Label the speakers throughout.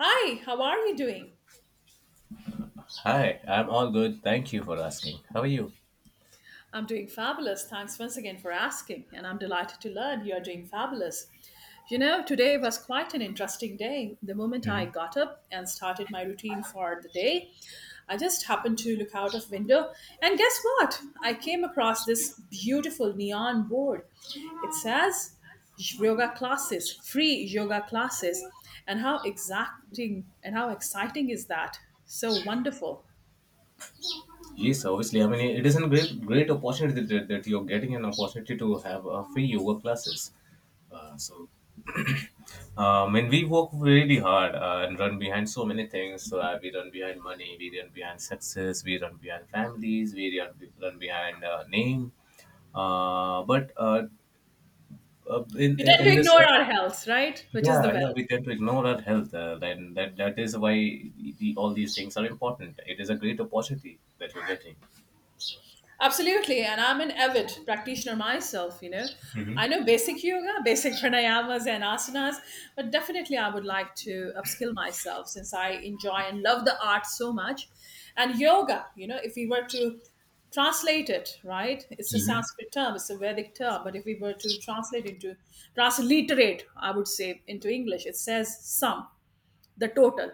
Speaker 1: Hi, how are you doing?
Speaker 2: Hi, I'm all good. Thank you for asking. How are you?
Speaker 1: I'm doing fabulous. Thanks once again for asking, and I'm delighted to learn you are doing fabulous. You know, today was quite an interesting day. The moment I
Speaker 2: Mhm.
Speaker 1: got up and started my routine for the day, I just happened to look out of window, and guess what? I came across this beautiful neon board. It says yoga classes, free yoga classes, and how exacting and how exciting is that? So wonderful.
Speaker 2: Yes, obviously. I mean, it is a great, great opportunity that you're getting an opportunity to have free yoga classes. Uh, so, and we work really hard and run behind so many things. So, we run behind money, we run behind success, we run behind families, run behind name. But
Speaker 1: We tend
Speaker 2: in
Speaker 1: to
Speaker 2: this
Speaker 1: ignore our health, right? Which is the
Speaker 2: Yeah, yeah,
Speaker 1: wealth.
Speaker 2: we tend to ignore our health, and that is why all these things are important. It is a great opportunity that you're getting.
Speaker 1: Absolutely. And I'm an avid practitioner myself.
Speaker 2: Hmm.
Speaker 1: I know basic yoga, basic pranayamas and asanas, but definitely I would like to upskill myself since I enjoy and love the art so much. And yoga, if we were to translate it, right? It's a
Speaker 2: Hmm.
Speaker 1: Sanskrit term, it's a Vedic term, but if we were to translate into transliterate, I would say into English, it says sum, the total.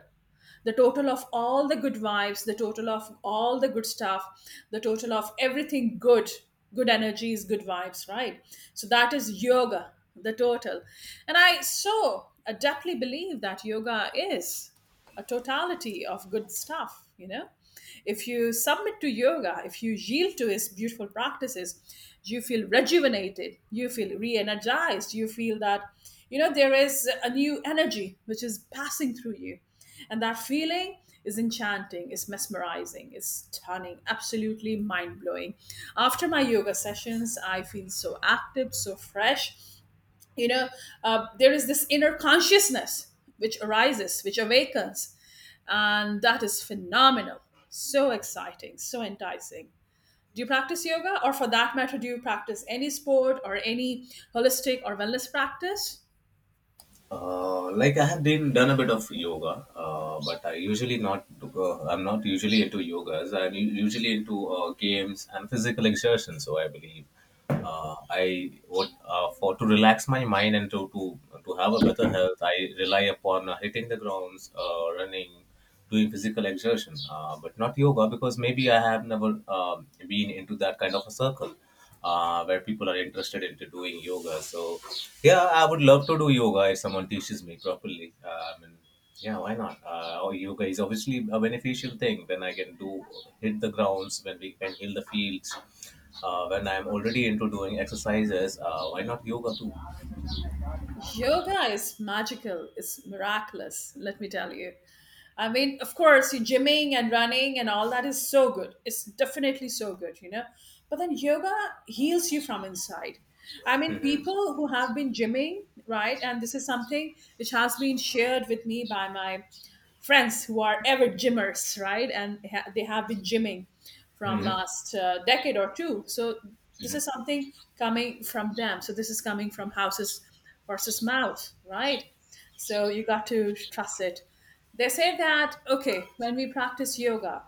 Speaker 1: The total of all the good vibes, the total of all the good stuff, the total of everything good, good energies, good vibes, right? So that is yoga, the total. And I so adeptly believe that yoga is a totality of good stuff, you know? If you submit to yoga, if you yield to its beautiful practices, you feel rejuvenated, you feel re energized, you feel that you know there is a new energy which is passing through you, and that feeling is enchanting, is mesmerizing, is stunning, absolutely mind-blowing. After my yoga sessions I feel so active, so fresh you know there is this inner consciousness which arises, which awakens, and that is phenomenal, so exciting, so enticing. Do you practice yoga, or for that matter do you practice any sport or any holistic or wellness practice?
Speaker 2: Like I have been done a bit of yoga, but I usually not. I'm not usually into yogas. I'm usually into games and physical exertion. So I believe. I what For to relax my mind and to have a better health, I rely upon hitting the grounds, running, doing physical exertion, but not yoga because maybe I have never been into that kind of a circle. Where people are interested into doing yoga. So yeah, I would love to do yoga if someone teaches me properly. I mean, yeah, why not? Oh, Yoga is obviously a beneficial thing. When I can do hit the grounds, when we can heal the fields, when I'm already into doing exercises, why not yoga too?
Speaker 1: Yoga is magical. It's miraculous, let me tell you. I mean, of course, you gymming and running and all that is so good. It's definitely so good. But then yoga heals you from inside. I mean, people
Speaker 2: Mm-hmm.
Speaker 1: who have been gymming, right? And this is something which has been shared with me by my friends who are ever gymmers, right? And they have been gymming from
Speaker 2: Mm-hmm.
Speaker 1: last decade or two. So this is something coming from them. So this is coming from houses versus mouth, right? So you got to trust it. They say that okay, when we practice yoga,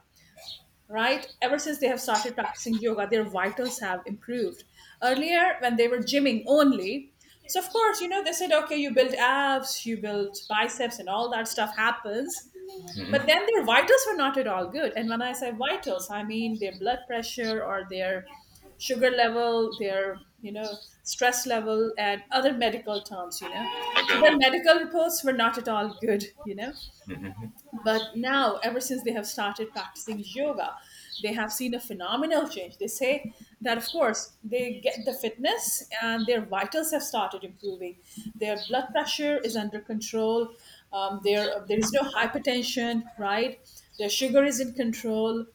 Speaker 1: right? Ever since they have started practicing yoga, their vitals have improved. Earlier, when they were gymming only, so of course, they said, okay, you build abs, you build biceps, and all that stuff happens.
Speaker 2: Mm-hmm.
Speaker 1: But
Speaker 2: Mm-hmm.
Speaker 1: then their vitals were not at all good. And when I say vitals, I mean their blood pressure or their sugar level, their stress level and other medical terms. So their medical reports were not at all good.
Speaker 2: Mm-hmm.
Speaker 1: But now, ever since they have started practicing yoga, they have seen a phenomenal change. They say that, of course, they get the fitness and their vitals have started improving. Their blood pressure is under control. There is no hypertension, right? Their sugar is in control.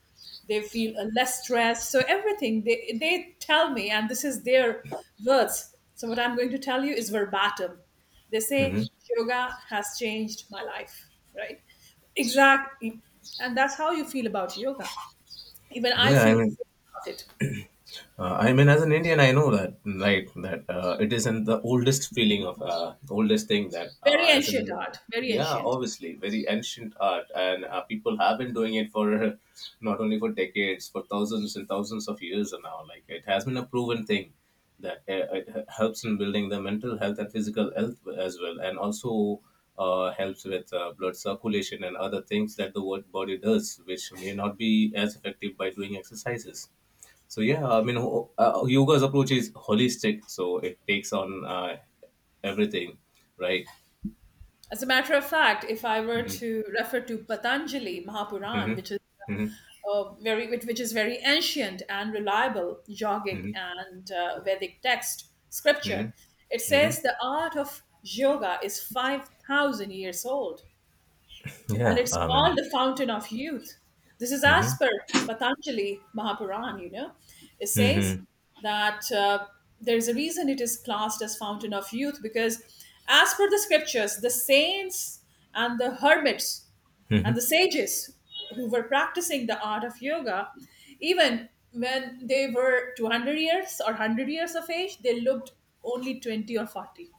Speaker 1: They feel less stressed. So, everything they tell me, and this is their words. So, what I'm going to tell you is verbatim. They
Speaker 2: Mm-hmm.
Speaker 1: say,
Speaker 2: Mm-hmm.
Speaker 1: "Yoga has changed my life," right? Exactly. And that's how you feel about yoga. Even I
Speaker 2: Yeah,
Speaker 1: feel the same about it.
Speaker 2: I mean, as an Indian, I know that, right? That it isn't the oldest feeling of oldest thing that,
Speaker 1: Very
Speaker 2: as
Speaker 1: ancient
Speaker 2: in,
Speaker 1: art, very
Speaker 2: yeah,
Speaker 1: ancient.
Speaker 2: obviously, very ancient art, and people have been doing it for not only for decades, for thousands and thousands of years now. Like it has been a proven thing that helps in building the mental health and physical health as well, and also helps with blood circulation and other things that the body does, which may not be as effective by doing exercises. So yeah, I mean, yoga's approach is holistic, so it takes on everything, right?
Speaker 1: As a matter of fact, if I were
Speaker 2: Mhm,
Speaker 1: to refer to Patanjali Mahapuran,
Speaker 2: mhm,
Speaker 1: which is
Speaker 2: mhm,
Speaker 1: which is very ancient and reliable yogic
Speaker 2: mhm,
Speaker 1: and Vedic text scripture,
Speaker 2: mhm,
Speaker 1: it says
Speaker 2: mhm.
Speaker 1: the art of yoga is 5,000 years old. And
Speaker 2: Yeah,
Speaker 1: it's
Speaker 2: I
Speaker 1: called
Speaker 2: mean,
Speaker 1: the fountain of youth. This is as
Speaker 2: mhm,
Speaker 1: per Patanjali Mahapuran. It says
Speaker 2: mhm.
Speaker 1: that there's a reason it is classed as fountain of youth, because as per the scriptures, the saints and the hermits and the sages who were practicing the art of yoga, even when they were 200 years or 100 years of age, they looked only 20 or 40.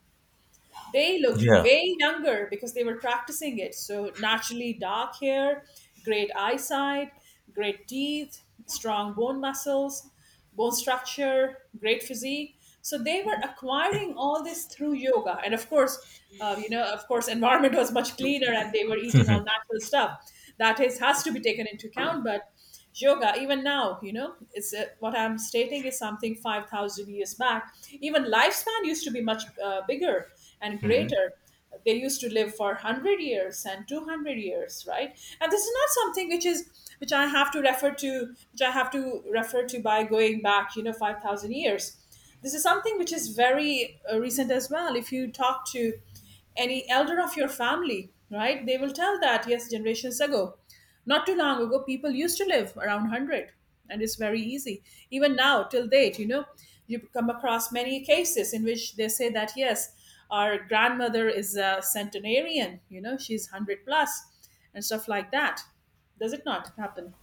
Speaker 1: They looked
Speaker 2: Yeah.
Speaker 1: way younger because they were practicing it. So, naturally, dark hair, great eyesight, great teeth, strong bone muscles, bone structure, great physique. So, they were acquiring all this through yoga. And of course, environment was much cleaner and they were eating all natural stuff. That is has to be taken into account. But yoga even now, it's what I'm stating is something 5,000 years back. Even lifespan used to be much bigger and greater. They used to live for 100 years and 200 years, right? And this is not something which is, which I have to refer to, which I have to refer to by going back, you know, 5,000 years. This is something which is very recent as well. If you talk to any elder of your family, right, they will tell that, yes, generations ago, not too long ago, people used to live around 100, and it's very easy. Even now, till date, you come across many cases in which they say that, yes, our grandmother is a centenarian, she's 100 plus and stuff like that. Does it not happen?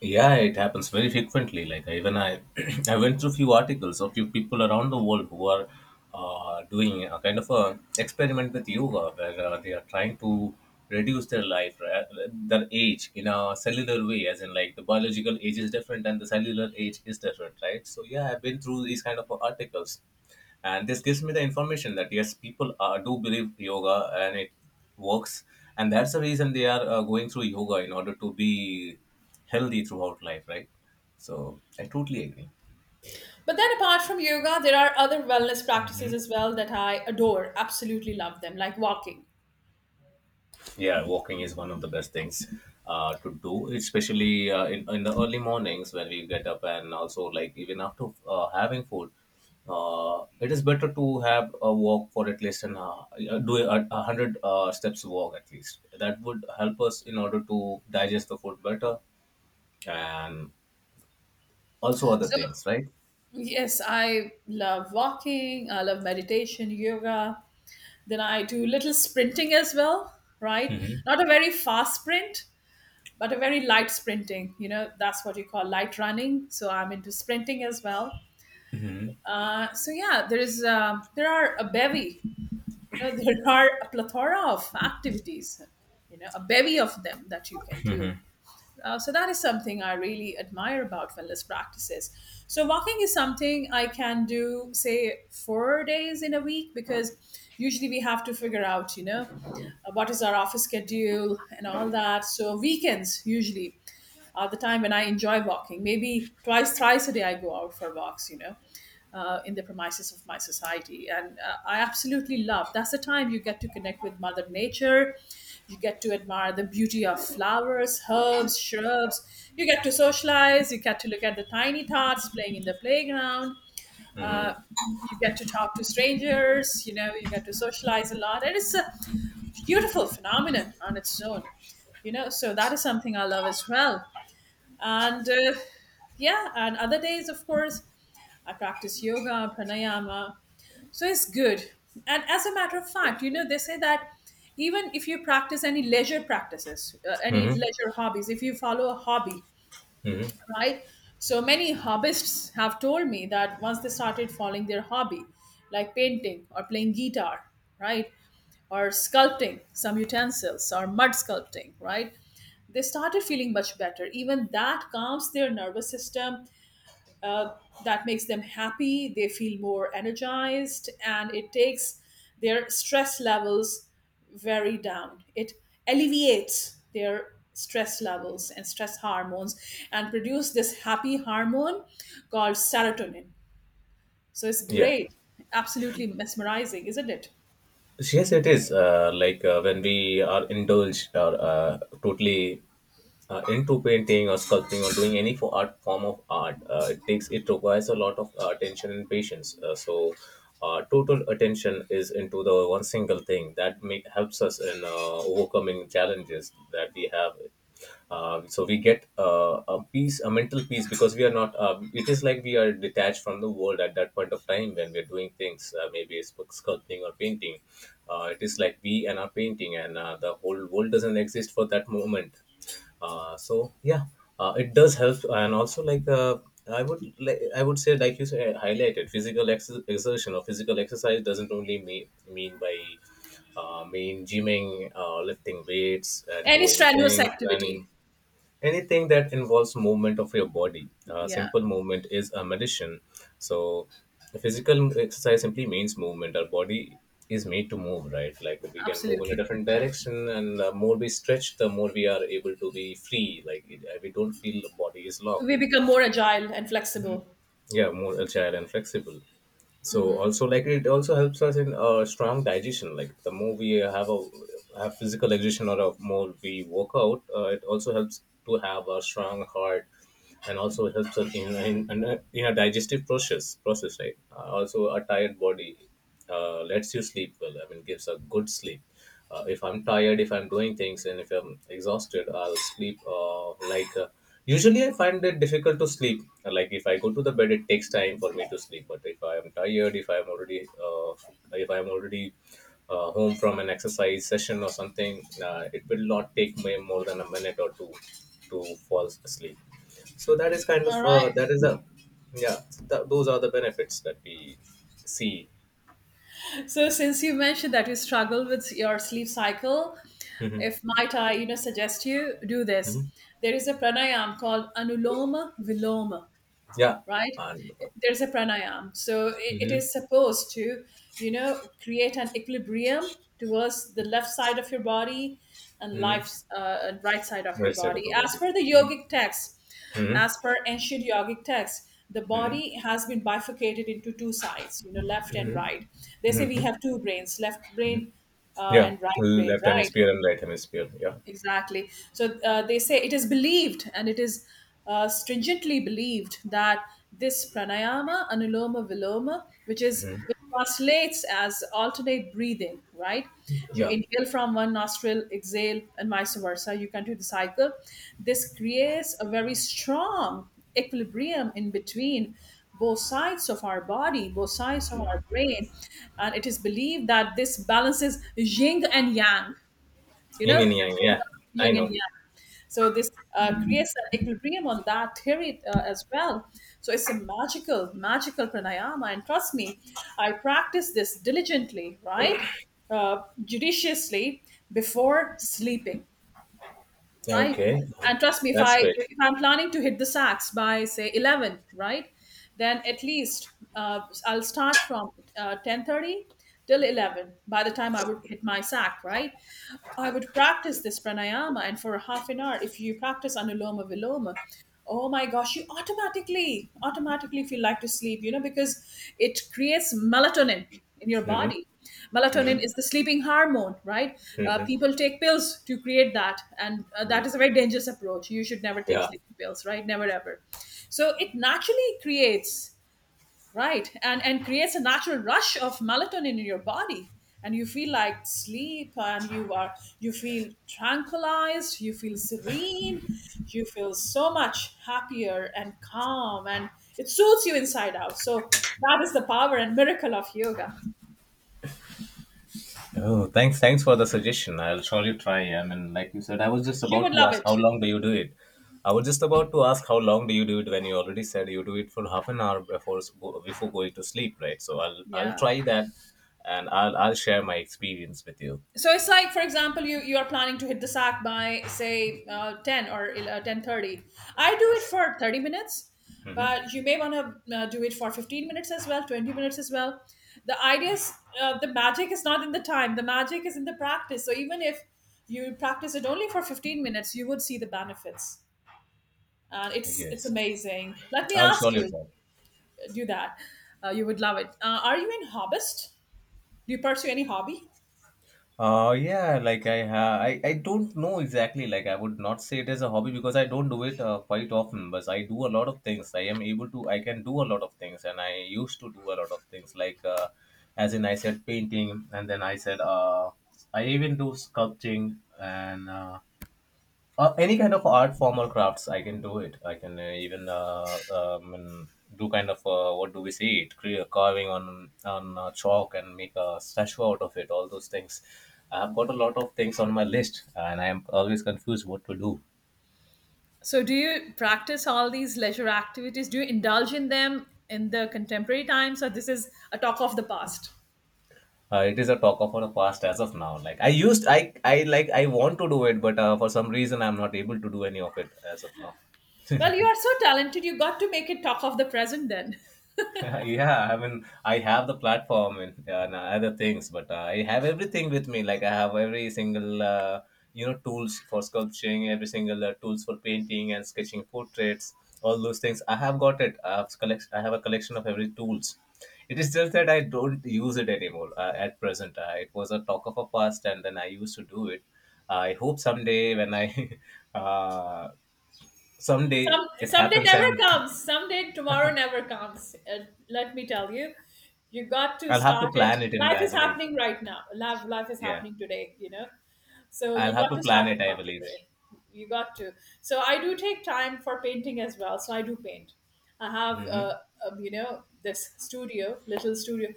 Speaker 2: Yeah, it happens very frequently. Like even I, I went through few articles of few people around the world who are doing a kind of a experiment with yoga, where they are trying to reduce their age in a cellular way, as in like the biological age is different and the cellular age is different, right? So yeah, I've been through these kind of articles, and this gives me the information that yes, people do believe yoga and it works, and that's the reason they are going through yoga in order to be healthy throughout life, right? So I totally agree.
Speaker 1: But then, apart from yoga, there are other wellness practices
Speaker 2: Mhm.
Speaker 1: as well that I adore, absolutely love them, like walking.
Speaker 2: Yeah, walking is one of the best things to do, especially in the early mornings when we get up, and also like even after having food. It is better to have a walk for at least an hour, 100 steps walk at least. That would help us in order to digest the food better and also other
Speaker 1: So,
Speaker 2: things, right?
Speaker 1: yes, I love walking, I love meditation, yoga. Then I do little sprinting as well, right? Not a very fast sprint, but a very light sprinting. You know, that's what you call light running. So, I'm into sprinting as well.
Speaker 2: Hmm.
Speaker 1: So yeah, there are a bevy, there are a plethora of activities, a bevy of them that you can do. So that is something I really admire about wellness practices. So walking is something I can do, say, 4 days in a week, because usually we have to figure out, what is our office schedule and all that. So weekends usually the time when I enjoy walking. Maybe twice, thrice a day, I go out for walks, in the premises of my society. And I absolutely love, that's the time you get to connect with Mother Nature. You get to admire the beauty of flowers, herbs, shrubs. You get to socialize. You get to look at the tiny tots playing in the playground. Uh, you get to talk to strangers. You get to socialize a lot. And it's a beautiful phenomenon on its own. So that is something I love as well. And yeah, and other days, of course, I practice yoga, pranayama. So it's good. And as a matter of fact, they say that even if you practice any leisure practices, any
Speaker 2: Hmm.
Speaker 1: leisure hobbies, if you follow a hobby,
Speaker 2: Hmm.
Speaker 1: right? So many hobbyists have told me that once they started following their hobby, like painting or playing guitar, right? Or sculpting some utensils or mud sculpting, right? They started feeling much better. Even that calms their nervous system uh, that makes them happy. They feel more energized, and it takes their stress levels very down. It alleviates their stress levels and stress hormones and produce this happy hormone called serotonin. So it's
Speaker 2: Yeah.
Speaker 1: great, absolutely mesmerizing, isn't it?
Speaker 2: Yes, it is. Like when we are indulged or totally into painting or sculpting or doing any for art form of art, it takes it requires a lot of attention and patience. Total attention is into the one single thing that make, helps us in overcoming challenges that we have. So we get a peace, a mental peace, because we are not it is like we are detached from the world at that point of time when we are doing things, maybe it's sculpting or painting. It is like we and our painting and the whole world doesn't exist for that moment. Yeah, it does help. And also like, I would say, like you said, highlighted physical exertion or physical exercise doesn't only mean by mean gymming, lifting weights and
Speaker 1: Any
Speaker 2: doing
Speaker 1: strenuous
Speaker 2: things,
Speaker 1: activity.
Speaker 2: running. Anything that involves movement of your body,
Speaker 1: Yeah,
Speaker 2: simple movement is a medicine. So physical exercise simply means movement. Our body is made to move, right? Like we can move in a
Speaker 1: absolutely.
Speaker 2: different direction, and the more we stretch, the more we are able to be free. Like it, we don't feel the body is locked.
Speaker 1: We become more agile and flexible.
Speaker 2: Yeah, more agile and flexible. So also like, it also helps us in strong digestion. Like the more we have a have physical exertion, or a more we work out, it also helps to have a strong heart, and also helps us in a digestive process, right? Uh, also a tired body lets you sleep well, I mean gives a good sleep. Uh, if I'm tired, if I'm doing things and if I'm exhausted, I'll sleep, usually I find it difficult to sleep. Like if I go to the bed it takes time for me to sleep, but if I am tired, if I am already uh, if i am already home from an exercise session or something, it will not take me more than a minute or two to fall asleep. So that is kind
Speaker 1: All
Speaker 2: of
Speaker 1: right.
Speaker 2: that is a yeah, those are the benefits that we see.
Speaker 1: So since you mentioned that you struggle with your sleep cycle,
Speaker 2: Hmm.
Speaker 1: if might I suggest you do this.
Speaker 2: Hmm.
Speaker 1: There is a pranayam called Anuloma Viloma,
Speaker 2: Yeah.
Speaker 1: right?
Speaker 2: And
Speaker 1: There's a pranayam, so it
Speaker 2: hmm,
Speaker 1: is supposed to create an equilibrium towards the left side of your body and
Speaker 2: hmm,
Speaker 1: life's uh, and right side of your
Speaker 2: well said,
Speaker 1: body as
Speaker 2: Apagodi.
Speaker 1: per the
Speaker 2: Hmm.
Speaker 1: yogic text.
Speaker 2: Hmm.
Speaker 1: As per ancient yogic text, the
Speaker 2: Hmm.
Speaker 1: body has been bifurcated into two sides, left and right. They say we have two brains, left brain uh,
Speaker 2: Yeah,
Speaker 1: and right brain,
Speaker 2: left
Speaker 1: right?
Speaker 2: hemisphere and right hemisphere. Yeah.
Speaker 1: Exactly. So they say it is believed, and it is stringently believed, that this pranayama, anuloma viloma, which translates as alternate breathing, right? You
Speaker 2: Yeah,
Speaker 1: inhale from one nostril, exhale, and vice versa. You continue the cycle. This creates a very strong equilibrium in between both sides of our body, both sides of our brain. And it is believed that this balances yin and yang you
Speaker 2: in
Speaker 1: know, the
Speaker 2: and yang.
Speaker 1: theory
Speaker 2: Yeah,
Speaker 1: of
Speaker 2: I
Speaker 1: yin and
Speaker 2: know.
Speaker 1: yang. So this creates an equilibrium on that theory as well. So it's a magical, magical pranayama. And trust me, I practice this diligently, right? Judiciously, before sleeping,
Speaker 2: Yeah,
Speaker 1: right?
Speaker 2: okay.
Speaker 1: And trust me, if
Speaker 2: That's
Speaker 1: I
Speaker 2: great.
Speaker 1: if I'm planning to hit the sacks by say 11, right, then at least I'll start from 10:30 till 11. By the time I would hit my sack, right, I would practice this pranayama, and for a half an hour, if you practice anuloma viloma. Oh my gosh, you automatically, automatically feel like to sleep, because it creates melatonin, in your
Speaker 2: Hmm.
Speaker 1: body. Melatonin is the sleeping hormone, right?
Speaker 2: Hmm.
Speaker 1: People take pills to create that, and that
Speaker 2: Hmm.
Speaker 1: is a very dangerous approach. You should never take
Speaker 2: Yeah.
Speaker 1: sleeping pills, right? Never ever. So it naturally creates, right, and creates a natural rush of melatonin in your body, and you feel like sleep, and you feel tranquilized, you feel serene, you feel so much happier and calm, and it suits you inside out. So that is the power and miracle of yoga.
Speaker 2: Oh, thanks, thanks for the suggestion. I'll surely try. I mean, like you said, I was just
Speaker 1: You
Speaker 2: about
Speaker 1: would
Speaker 2: to
Speaker 1: love
Speaker 2: ask
Speaker 1: it.
Speaker 2: how long do you do it. I was just about to ask how long do you do it when you already said you do it for half an hour before before going to sleep, right? So I'll
Speaker 1: Yeah.
Speaker 2: try that, and I'll share my experience with you.
Speaker 1: So it's like, for example, you are planning to hit the sack by say ten or 10:30. I do it for 30 minutes, but you may want to do it for 15 minutes as well, 20 minutes as well. The idea is the magic is not in the time. The magic is in the practice. So even if you practice it only for 15 minutes, you would see the benefits. It's
Speaker 2: Yes,
Speaker 1: amazing. Let me
Speaker 2: I'll
Speaker 1: ask
Speaker 2: surely
Speaker 1: you,
Speaker 2: try.
Speaker 1: do that. You would love it. Are you in hobbyist? Do you pursue any hobby?
Speaker 2: Yeah, like I don't know exactly. Like I would not say it as a hobby because I don't do it quite often. But I do a lot of things. I am able to. I can do a lot of things, and I used to do a lot of things. Like as in I said painting, and then I said I even do sculpting, and any kind of art form or crafts I can do it. I can even and do kind of what do we say, it create a carving on chalk and make a statue out of it, all those things. I have got a lot of things on my list, and I am always confused what to do.
Speaker 1: So, do you practice all these leisure activities? Do you indulge in them in the contemporary times, or this is a talk of the past?
Speaker 2: Uh, it is a talk of the past as of now. Like I used I Like I want to do it, but for some reason I'm not able to do any of it as of now.
Speaker 1: Well, you are so talented, you got to make it talk of the present then.
Speaker 2: Yeah, I mean, I have the platform and other things, but I have everything with me. Like I have every single, you know, tools for sculpturing, every single tools for painting and sketching portraits, all those things. I have got it. I have a collection of every tools. It is just that I don't use it anymore at present. It was a talk of a past, and then I used to do it. I hope someday when I, uh, someday
Speaker 1: Some
Speaker 2: it
Speaker 1: someday
Speaker 2: happens,
Speaker 1: never
Speaker 2: and
Speaker 1: comes. Someday tomorrow never comes. Let me tell you, you got to
Speaker 2: I'll have
Speaker 1: start
Speaker 2: to
Speaker 1: it.
Speaker 2: plan it. And
Speaker 1: Life
Speaker 2: I
Speaker 1: is
Speaker 2: believe,
Speaker 1: happening right now. Life is
Speaker 2: yeah.
Speaker 1: happening today. You know, so
Speaker 2: I'll
Speaker 1: you
Speaker 2: have
Speaker 1: got
Speaker 2: to
Speaker 1: to
Speaker 2: plan
Speaker 1: start it
Speaker 2: it, I
Speaker 1: from
Speaker 2: believe.
Speaker 1: today. You got to. So I do take time for painting as well. So I do paint. I have
Speaker 2: Hmm.
Speaker 1: you know this studio, little studio.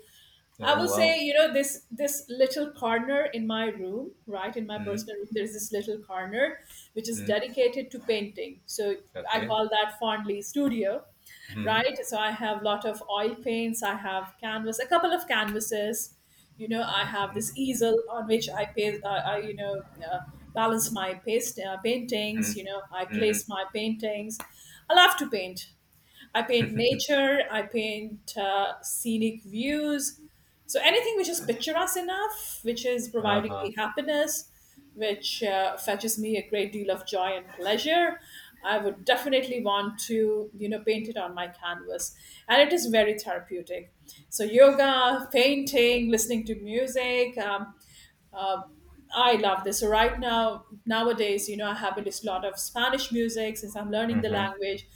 Speaker 1: I will
Speaker 2: Oh
Speaker 1: say,
Speaker 2: wow.
Speaker 1: you know, this little corner in my room, right in my personal room,
Speaker 2: Mm-hmm.
Speaker 1: there's this little corner which is
Speaker 2: Mm-hmm.
Speaker 1: dedicated to painting. So I
Speaker 2: Okay.
Speaker 1: call that fondly studio,
Speaker 2: Mm-hmm.
Speaker 1: right? So I have a lot of oil paints. I have canvas, a couple of canvases. You know, I have this easel on which I pay, I you know uh, balance my paste paintings. You know, I
Speaker 2: Mm-hmm. Mm-hmm.
Speaker 1: place my paintings. I love to paint. I paint nature, I paint scenic views. So anything which is picturesque enough, which is providing
Speaker 2: Uh-huh.
Speaker 1: me happiness, which fetches me a great deal of joy and pleasure, I would definitely want to, you know, paint it on my canvas. And it is very therapeutic. So yoga, painting, listening to music, uh, I love this. So right now, nowadays, you know, I have a lot of Spanish music since I'm learning the
Speaker 2: Mm-hmm.
Speaker 1: language.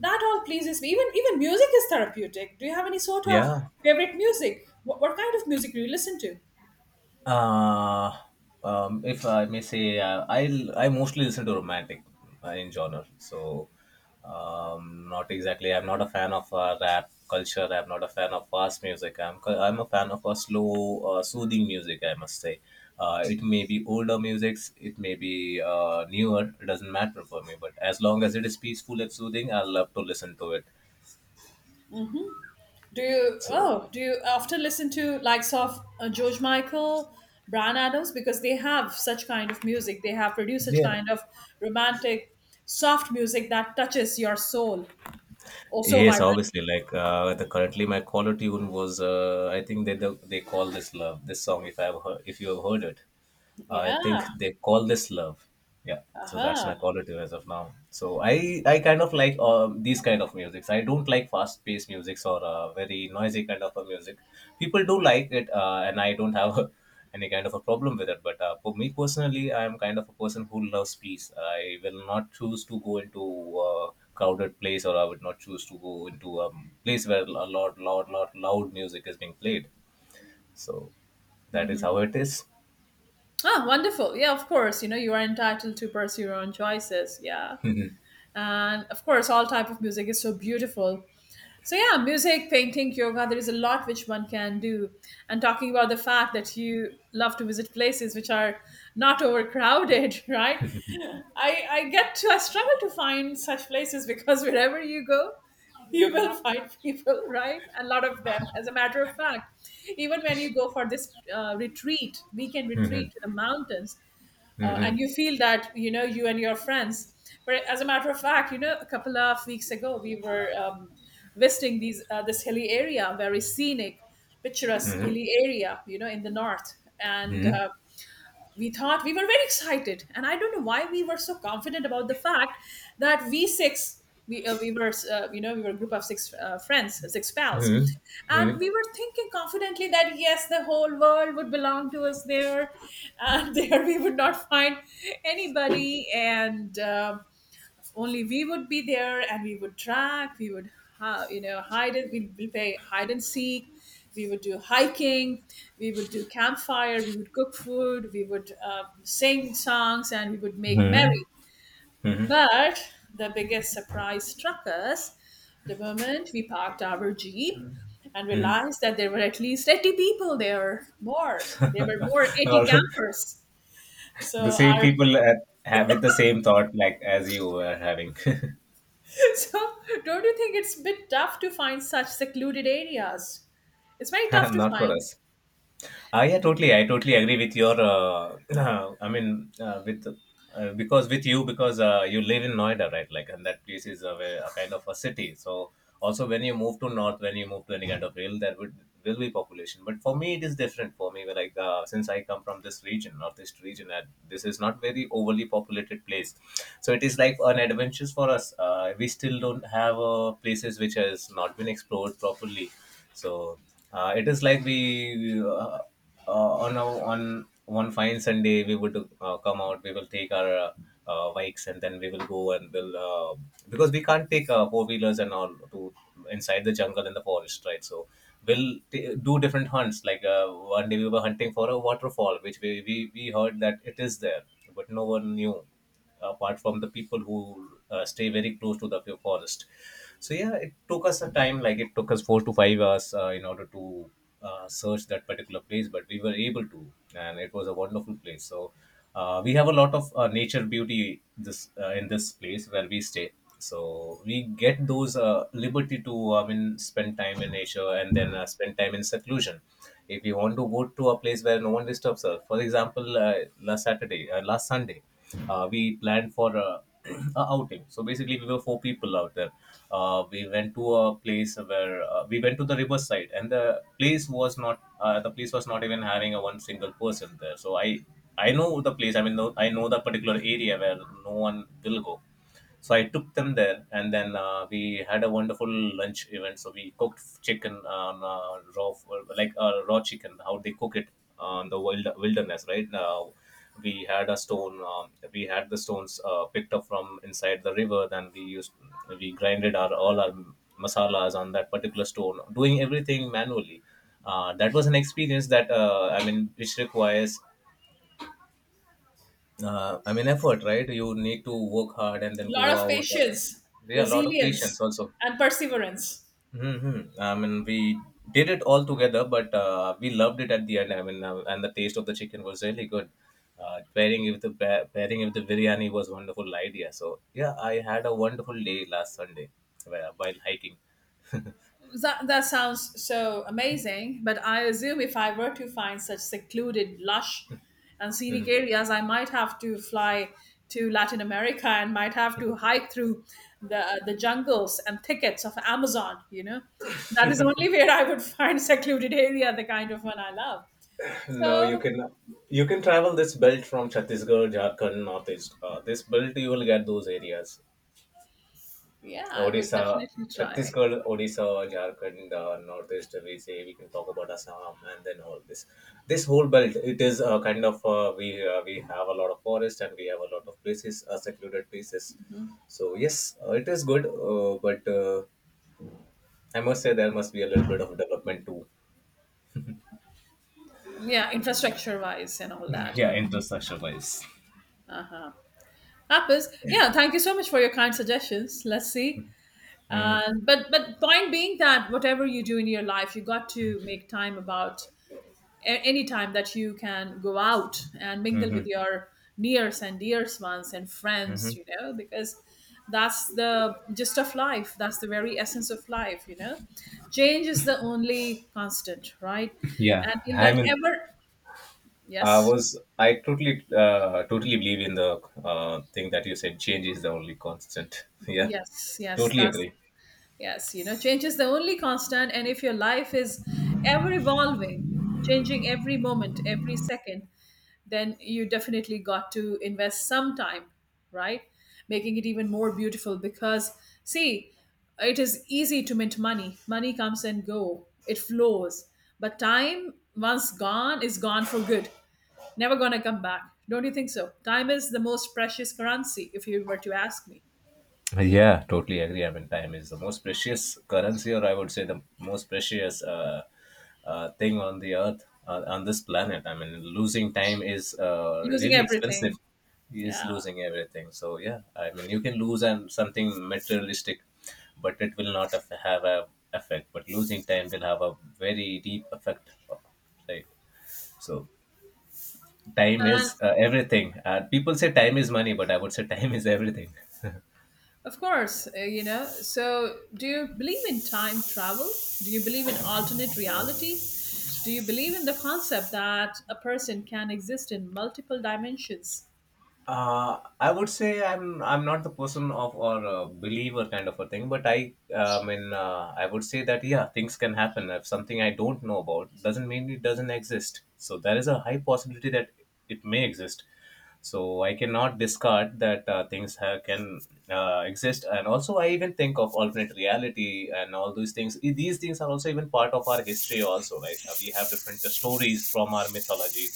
Speaker 1: That all pleases me. Even music is therapeutic. Do you have any sort of
Speaker 2: Yeah.
Speaker 1: favorite music? What kind of music do you listen to?
Speaker 2: Uh, if I may say, I mostly listen to romantic in genre. So, not exactly. I'm not a fan of rap culture. I'm not a fan of fast music. I'm a fan of a slow, soothing music, I must say. Uh, it may be older musics. It may be newer. It doesn't matter for me. But as long as it is peaceful and soothing, I love to listen to it.
Speaker 1: Do you
Speaker 2: So,
Speaker 1: oh do you often listen to likes of George Michael, Brian Adams because they have such kind of music. They have produced such
Speaker 2: yeah.
Speaker 1: kind of romantic, soft music that touches your soul oh so
Speaker 2: Yes, obviously.
Speaker 1: vibrantly.
Speaker 2: Like the currently, my caller tune was, I think they call this love. This song, if I've heard, if you have heard it. I think
Speaker 1: Yeah.
Speaker 2: they call this love. Yeah,
Speaker 1: Uh
Speaker 2: so that's
Speaker 1: huh.
Speaker 2: my call to as of now. So I kind of like these kind of musics. I don't like fast paced musics or very noisy kind of a music. People do like it, and I don't have any kind of a problem with it. But for me personally, I am kind of a person who loves peace. I will not choose to go into a crowded place, or I would not choose to go into a place where a lot, loud, loud, loud music is being played. So that is how it is.
Speaker 1: Ah, wonderful. Yeah, of course. You know, you are entitled to pursue your own choices. Yeah. And of course, all type of music is so beautiful. So yeah, music, painting, yoga, there is a lot which one can do. And talking about the fact that you love to visit places which are not overcrowded, right? I struggle to find such places because wherever you go, you will find people, right? A lot of them. As a matter of fact, even when you go for this retreat, weekend retreat to the mountains, and
Speaker 2: Mhm.
Speaker 1: you feel that you know you and your friends, but as a matter of fact, you know, a couple of weeks ago we were visiting these this hilly area, very scenic, picturesque
Speaker 2: Mhm.
Speaker 1: hilly area, you know, in the north, and
Speaker 2: Mhm.
Speaker 1: we thought we were very excited, and I don't know why we were so confident about the fact that we were you know, we were a group of 6 friends, six pals,
Speaker 2: Mhm.
Speaker 1: and
Speaker 2: Mhm.
Speaker 1: we were thinking confidently that yes, the whole world would belong to us there, and there we would not find anybody, and only we would be there, and we would track, we would you know, hide, and we would play hide and seek, we would do hiking, we would do campfire, we would cook food, we would sing songs, and we would make
Speaker 2: Hmm.
Speaker 1: merry,
Speaker 2: Mhm.
Speaker 1: but the biggest surprise struck us the moment we parked our jeep and
Speaker 2: Mhm.
Speaker 1: realized that there were at least 80 people there. More, there were more 80
Speaker 2: All right.
Speaker 1: campers, so
Speaker 2: The same
Speaker 1: our
Speaker 2: people have with the same thought like as you were having.
Speaker 1: so, don't you think it's a bit tough to find such secluded areas? It's very tough to
Speaker 2: Not for
Speaker 1: find.
Speaker 2: us. Yeah, totally. I totally agree with your. I mean, with Because with you because you live in Noida, right? Like, and that place is a, very- a kind of a city. So also, when you move to north, when you move to any kind of hill, there would will be population. But for me, it is different. For me, like since I come from this region, northeast region, and this is not very overly populated place, so it is like an adventure for us. We still don't have places which has not been explored properly so it is like we on a, on one fine Sunday we would come out. We will take our bikes and then we will go and we'll because we can't take four wheelers and all to inside the jungle and the forest, right? So do different hunts. Like one day we were hunting for a waterfall, which we heard that it is there, but no one knew apart from the people who stay very close to the forest. So yeah, it took us a time, like it took us 4 to 5 hours in order to search that particular place, but we were able to, and it was a wonderful place. So we have a lot of nature beauty this in this place where we stay. So we get those liberty to, I mean, spend time in nature and then spend time in seclusion. If you want to go to a place where no one disturbs us, for example, last Saturday, last Sunday, we planned for a, a outing. So basically, we were four people out there. We went to a place where we went to the riverside, and the place was not even hiring a one single person there. So I know the place. I mean, no, I know the particular area where no one will go. So I took them there, and then we had a wonderful lunch event. So we cooked chicken, raw, like raw chicken, how they cook it on the wild wilderness, right? Now we had a stone, we had the stones picked up from inside the river. We grinded our all our masalas on that particular stone, doing everything manually. That was an experience that I mean, which requires I mean, effort, right? You need to work hard and
Speaker 1: A
Speaker 2: then go
Speaker 1: lot of
Speaker 2: out.
Speaker 1: patience,
Speaker 2: There are a lot of patience
Speaker 1: resilience,
Speaker 2: also.
Speaker 1: and perseverance.
Speaker 2: Mm-hmm. I mean, we did it all together, but we loved it at the end. I mean, and the taste of the chicken was really good. Pairing it with the biryani was wonderful idea. So yeah, I had a wonderful day last Sunday where- while hiking.
Speaker 1: That, that sounds so amazing, but I assume if I were to find such secluded, lush, and scenic
Speaker 2: Mhm.
Speaker 1: areas, I might have to fly to Latin America and might have to hike through the jungles and thickets of Amazon. You know, that is only where I would find secluded area, the kind of one I love.
Speaker 2: No,
Speaker 1: So
Speaker 2: you can travel this belt from Chhattisgarh, Jharkhand, Northeast. This belt you will get those areas.
Speaker 1: yeah, I would
Speaker 2: Odisha,
Speaker 1: definitely try.
Speaker 2: Chhattisgarh, Odisha, Jharkhand, Northeast, we say we can talk about Assam and then all this. This whole belt, it is kind of we have a lot of forest and we have a lot of places, secluded places. So yes, it is good, but I must say there must be a little bit of development too.
Speaker 1: Yeah, infrastructure wise and all that.
Speaker 2: Yeah,
Speaker 1: Hmm.
Speaker 2: infrastructure wise.
Speaker 1: Happens. Yeah, thank you so much for your kind suggestions. Let's see.
Speaker 2: Mm-hmm.
Speaker 1: But point being that whatever you do in your life, you got to make time about any time that you can go out and mingle
Speaker 2: Mm-hmm.
Speaker 1: with your nears and dears ones and friends.
Speaker 2: Mm-hmm.
Speaker 1: You know, because that's the gist of life. That's the very essence of life. You know, change is the only constant, right?
Speaker 2: Yeah.
Speaker 1: And in
Speaker 2: I
Speaker 1: that
Speaker 2: mean,
Speaker 1: ever
Speaker 2: I
Speaker 1: yes.
Speaker 2: was I totally totally believe in the thing that you said. Change is the only constant. Yeah,
Speaker 1: Yes, yes,
Speaker 2: totally
Speaker 1: that's
Speaker 2: agree.
Speaker 1: yes. You know, change is the only constant, and if your life is ever evolving, changing every moment, every second, then you definitely got to invest some time, right? Making it even more beautiful because see, it is easy to mint money. Money comes and go, it flows, but time once gone is gone for good. Never gonna come back. Don't you think so? Time is the most precious currency, if you were to ask me.
Speaker 2: Yeah, totally agree. I mean, time is the most precious currency, or I would say the most precious thing on the earth, on this planet. I mean, losing time is
Speaker 1: Losing
Speaker 2: really expensive.
Speaker 1: everything.
Speaker 2: Is
Speaker 1: Yeah.
Speaker 2: losing everything. So yeah, I mean, you can lose and something materialistic, but it will not aff- have a effect. But losing time will have a very deep effect, right? So time
Speaker 1: And
Speaker 2: is everything. People say time is money, but I would say time is everything.
Speaker 1: of course, you know, so do you believe in time travel? Do you believe in alternate reality? Do you believe in the concept that a person can exist in multiple dimensions?
Speaker 2: I would say I'm not the person of or a believer kind of a thing, but I would say that yeah things can happen if something I don't know about doesn't mean it doesn't exist. So there is a high possibility that it may exist. So I cannot discard that can exist, and also I even think of alternate reality and all these things. I- These things are also even part of our history, also right? We have different stories from our mythology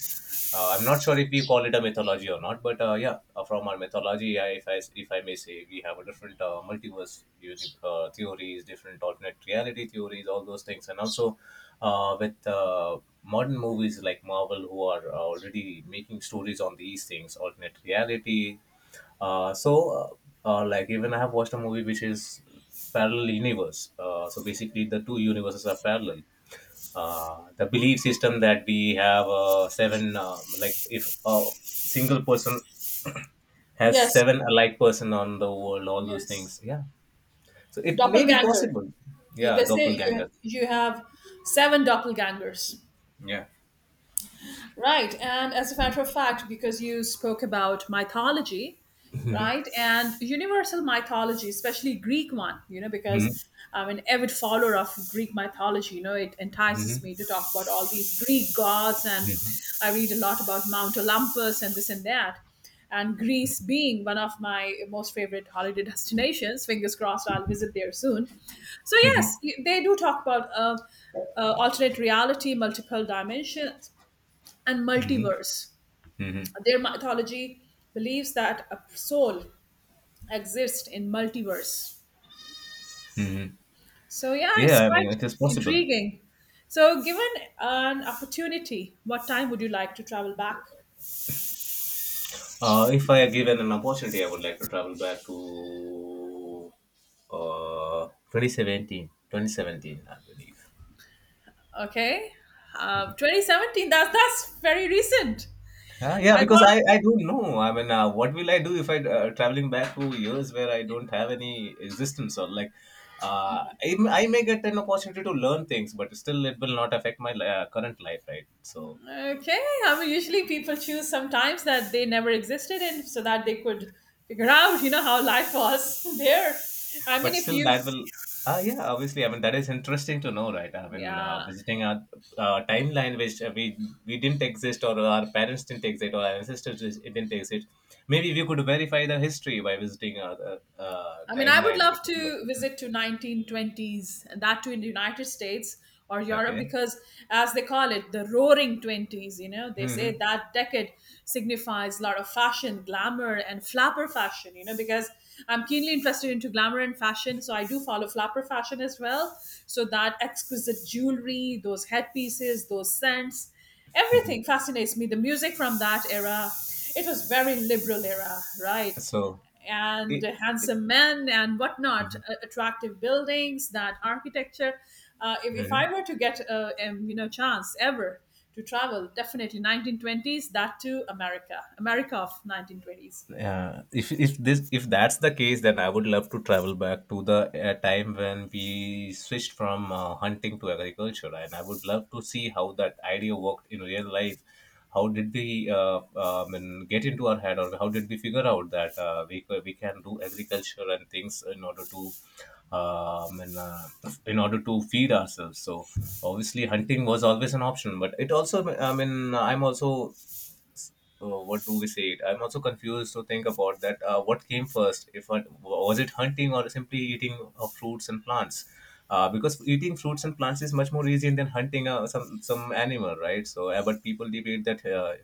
Speaker 2: I'm not sure if we call it a mythology or not, but from our mythology, I, if I if I may say, we have a different multiverse theories, different alternate reality theories, all those things, and also with modern movies like Marvel, who are already making stories on these things, alternate reality, like, even I have watched a movie which is parallel universe. So basically, the two universes are parallel the belief system that we have seven like if a single person has
Speaker 1: Yes,
Speaker 2: seven alike person on the world all those
Speaker 1: yes.
Speaker 2: things yeah so it may be
Speaker 1: Doppelganger.
Speaker 2: possible yeah
Speaker 1: They say
Speaker 2: doppelganger
Speaker 1: you have 7 doppelgangers.
Speaker 2: yeah.
Speaker 1: Right. And as a matter of fact, because you spoke about mythology,
Speaker 2: Mhm.
Speaker 1: right? And universal mythology, especially Greek one, you know,
Speaker 2: Mhm.
Speaker 1: because I'm an avid follower of Greek mythology. You know, it entices
Speaker 2: Mhm.
Speaker 1: me to talk about all these Greek gods. And I read a lot about Mount Olympus and this and that. And Greece being one of my most favorite holiday destinations. Fingers crossed, I'll visit there soon. So, yes,
Speaker 2: Mhm.
Speaker 1: they do talk about. Alternate reality, multiple dimensions, and
Speaker 2: Mhm.
Speaker 1: multiverse.
Speaker 2: Mhm.
Speaker 1: Their mythology believes that a soul exists in multiverse.
Speaker 2: Mhm.
Speaker 1: So yeah, it's
Speaker 2: Yeah, I mean
Speaker 1: quite
Speaker 2: it is possible.
Speaker 1: intriguing. So given an opportunity, what time would you like to travel back?
Speaker 2: If I are given an opportunity I would like to travel back to uh, 2017 I believe.
Speaker 1: Okay, 2017. That's very recent.
Speaker 2: Huh? Yeah,
Speaker 1: I
Speaker 2: because
Speaker 1: thought
Speaker 2: I don't know. I mean, what will I do if I traveling back to years where I don't have any existence or like, I may get an opportunity to learn things, but still it will not affect my current life, right? So,
Speaker 1: okay. I mean, usually people choose sometimes that they never existed in, so that they could figure out, you know, how life was there. I mean,
Speaker 2: but
Speaker 1: if
Speaker 2: still
Speaker 1: you,
Speaker 2: that will, yeah, obviously. I mean, that is interesting to know, right? I mean,
Speaker 1: yeah,
Speaker 2: visiting a timeline which we didn't exist or our parents didn't exist or our ancestors didn't exist. Maybe we could verify the history by visiting a,
Speaker 1: I mean, I would
Speaker 2: timeline
Speaker 1: love
Speaker 2: with people.
Speaker 1: to visit to 1920s, and that too in the United States or Europe,
Speaker 2: Okay.
Speaker 1: because as they call it, the roaring 20s, you know, they say
Speaker 2: Hmm.
Speaker 1: that decade signifies a lot of fashion, glamour, and flapper fashion, you know, because I'm keenly interested into glamour and fashion, so I do follow flapper fashion as well. So that exquisite jewelry, those headpieces, those scents, everything fascinates me. The music from that era, it was very liberal era, right?
Speaker 2: So
Speaker 1: And
Speaker 2: it.
Speaker 1: handsome men and whatnot, attractive buildings, that architecture. If
Speaker 2: Mhm.
Speaker 1: I were to get a you know, chance ever to travel, definitely 1920s, that too America, America of 1920s.
Speaker 2: Yeah, if this if that's the case, then I would love to travel back to the time when we switched from hunting to agriculture, and I would love to see how that idea worked in real life. How did we and get into our head, or how did we figure out that we can do agriculture and things in order to um, and, uh, in order to feed ourselves? So obviously, hunting was always an option, but it also I mean I'm also. Oh, what do we say? It? I'm also confused to think about that. What came first? If I was it hunting or simply eating fruits and plants? Because eating fruits and plants is much more easy than hunting some animal, right? So, but people debate that uh,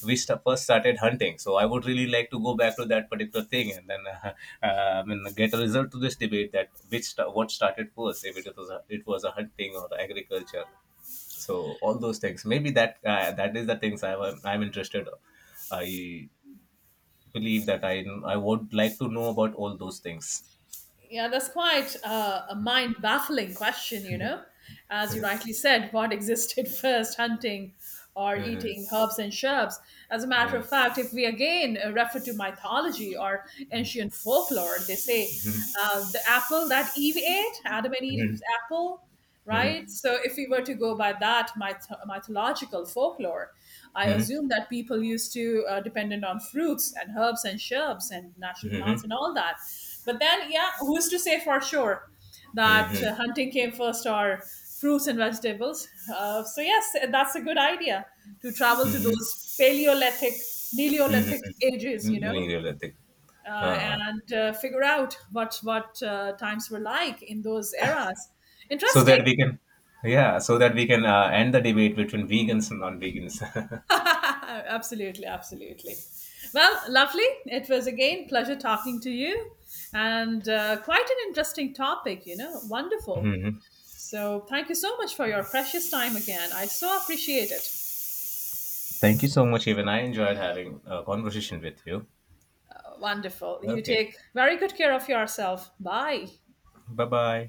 Speaker 2: we st- first started hunting. So, I would really like to go back to that particular thing and then I mean, get a result to this debate that what started first, if it was a, it was a hunting or agriculture so all those things maybe that that is the things I'm I'm interested I believe that I would like to know about all those things.
Speaker 1: Yeah, that's quite a mind baffling question, you know. As you rightly said, what existed first, hunting or
Speaker 2: Mhm,
Speaker 1: eating herbs and shrubs? As a matter of
Speaker 2: mhm,
Speaker 1: fact, if we again refer to mythology or ancient folklore, they say the apple that Eve ate, Adam and Eve's apple, right?
Speaker 2: mhm,
Speaker 1: So if we were to go by that mythological folklore, I assume that people used to dependent on fruits and herbs and shrubs and natural plants and all that. But then, yeah, who's to say for sure that
Speaker 2: mhm,
Speaker 1: hunting came first or fruits and vegetables? So yes, that's a good idea to travel to
Speaker 2: mhm,
Speaker 1: those Paleolithic,
Speaker 2: mhm,
Speaker 1: Neolithic ages, you
Speaker 2: mhm.
Speaker 1: know.
Speaker 2: Neolithic. Uh,
Speaker 1: And figure out what times were like in those eras.
Speaker 2: so that
Speaker 1: Interesting.
Speaker 2: we can yeah so that we can end the debate between vegans and non-vegans.
Speaker 1: Absolutely, absolutely. Well, lovely. It was again pleasure talking to you, and quite an interesting topic. You know, wonderful.
Speaker 2: Mhm.
Speaker 1: So thank you so much for your precious time again. I so appreciate it.
Speaker 2: Thank you so much, even I enjoyed having a conversation with you.
Speaker 1: Wonderful. You
Speaker 2: Okay,
Speaker 1: take very good care of yourself. Bye.
Speaker 2: bye bye.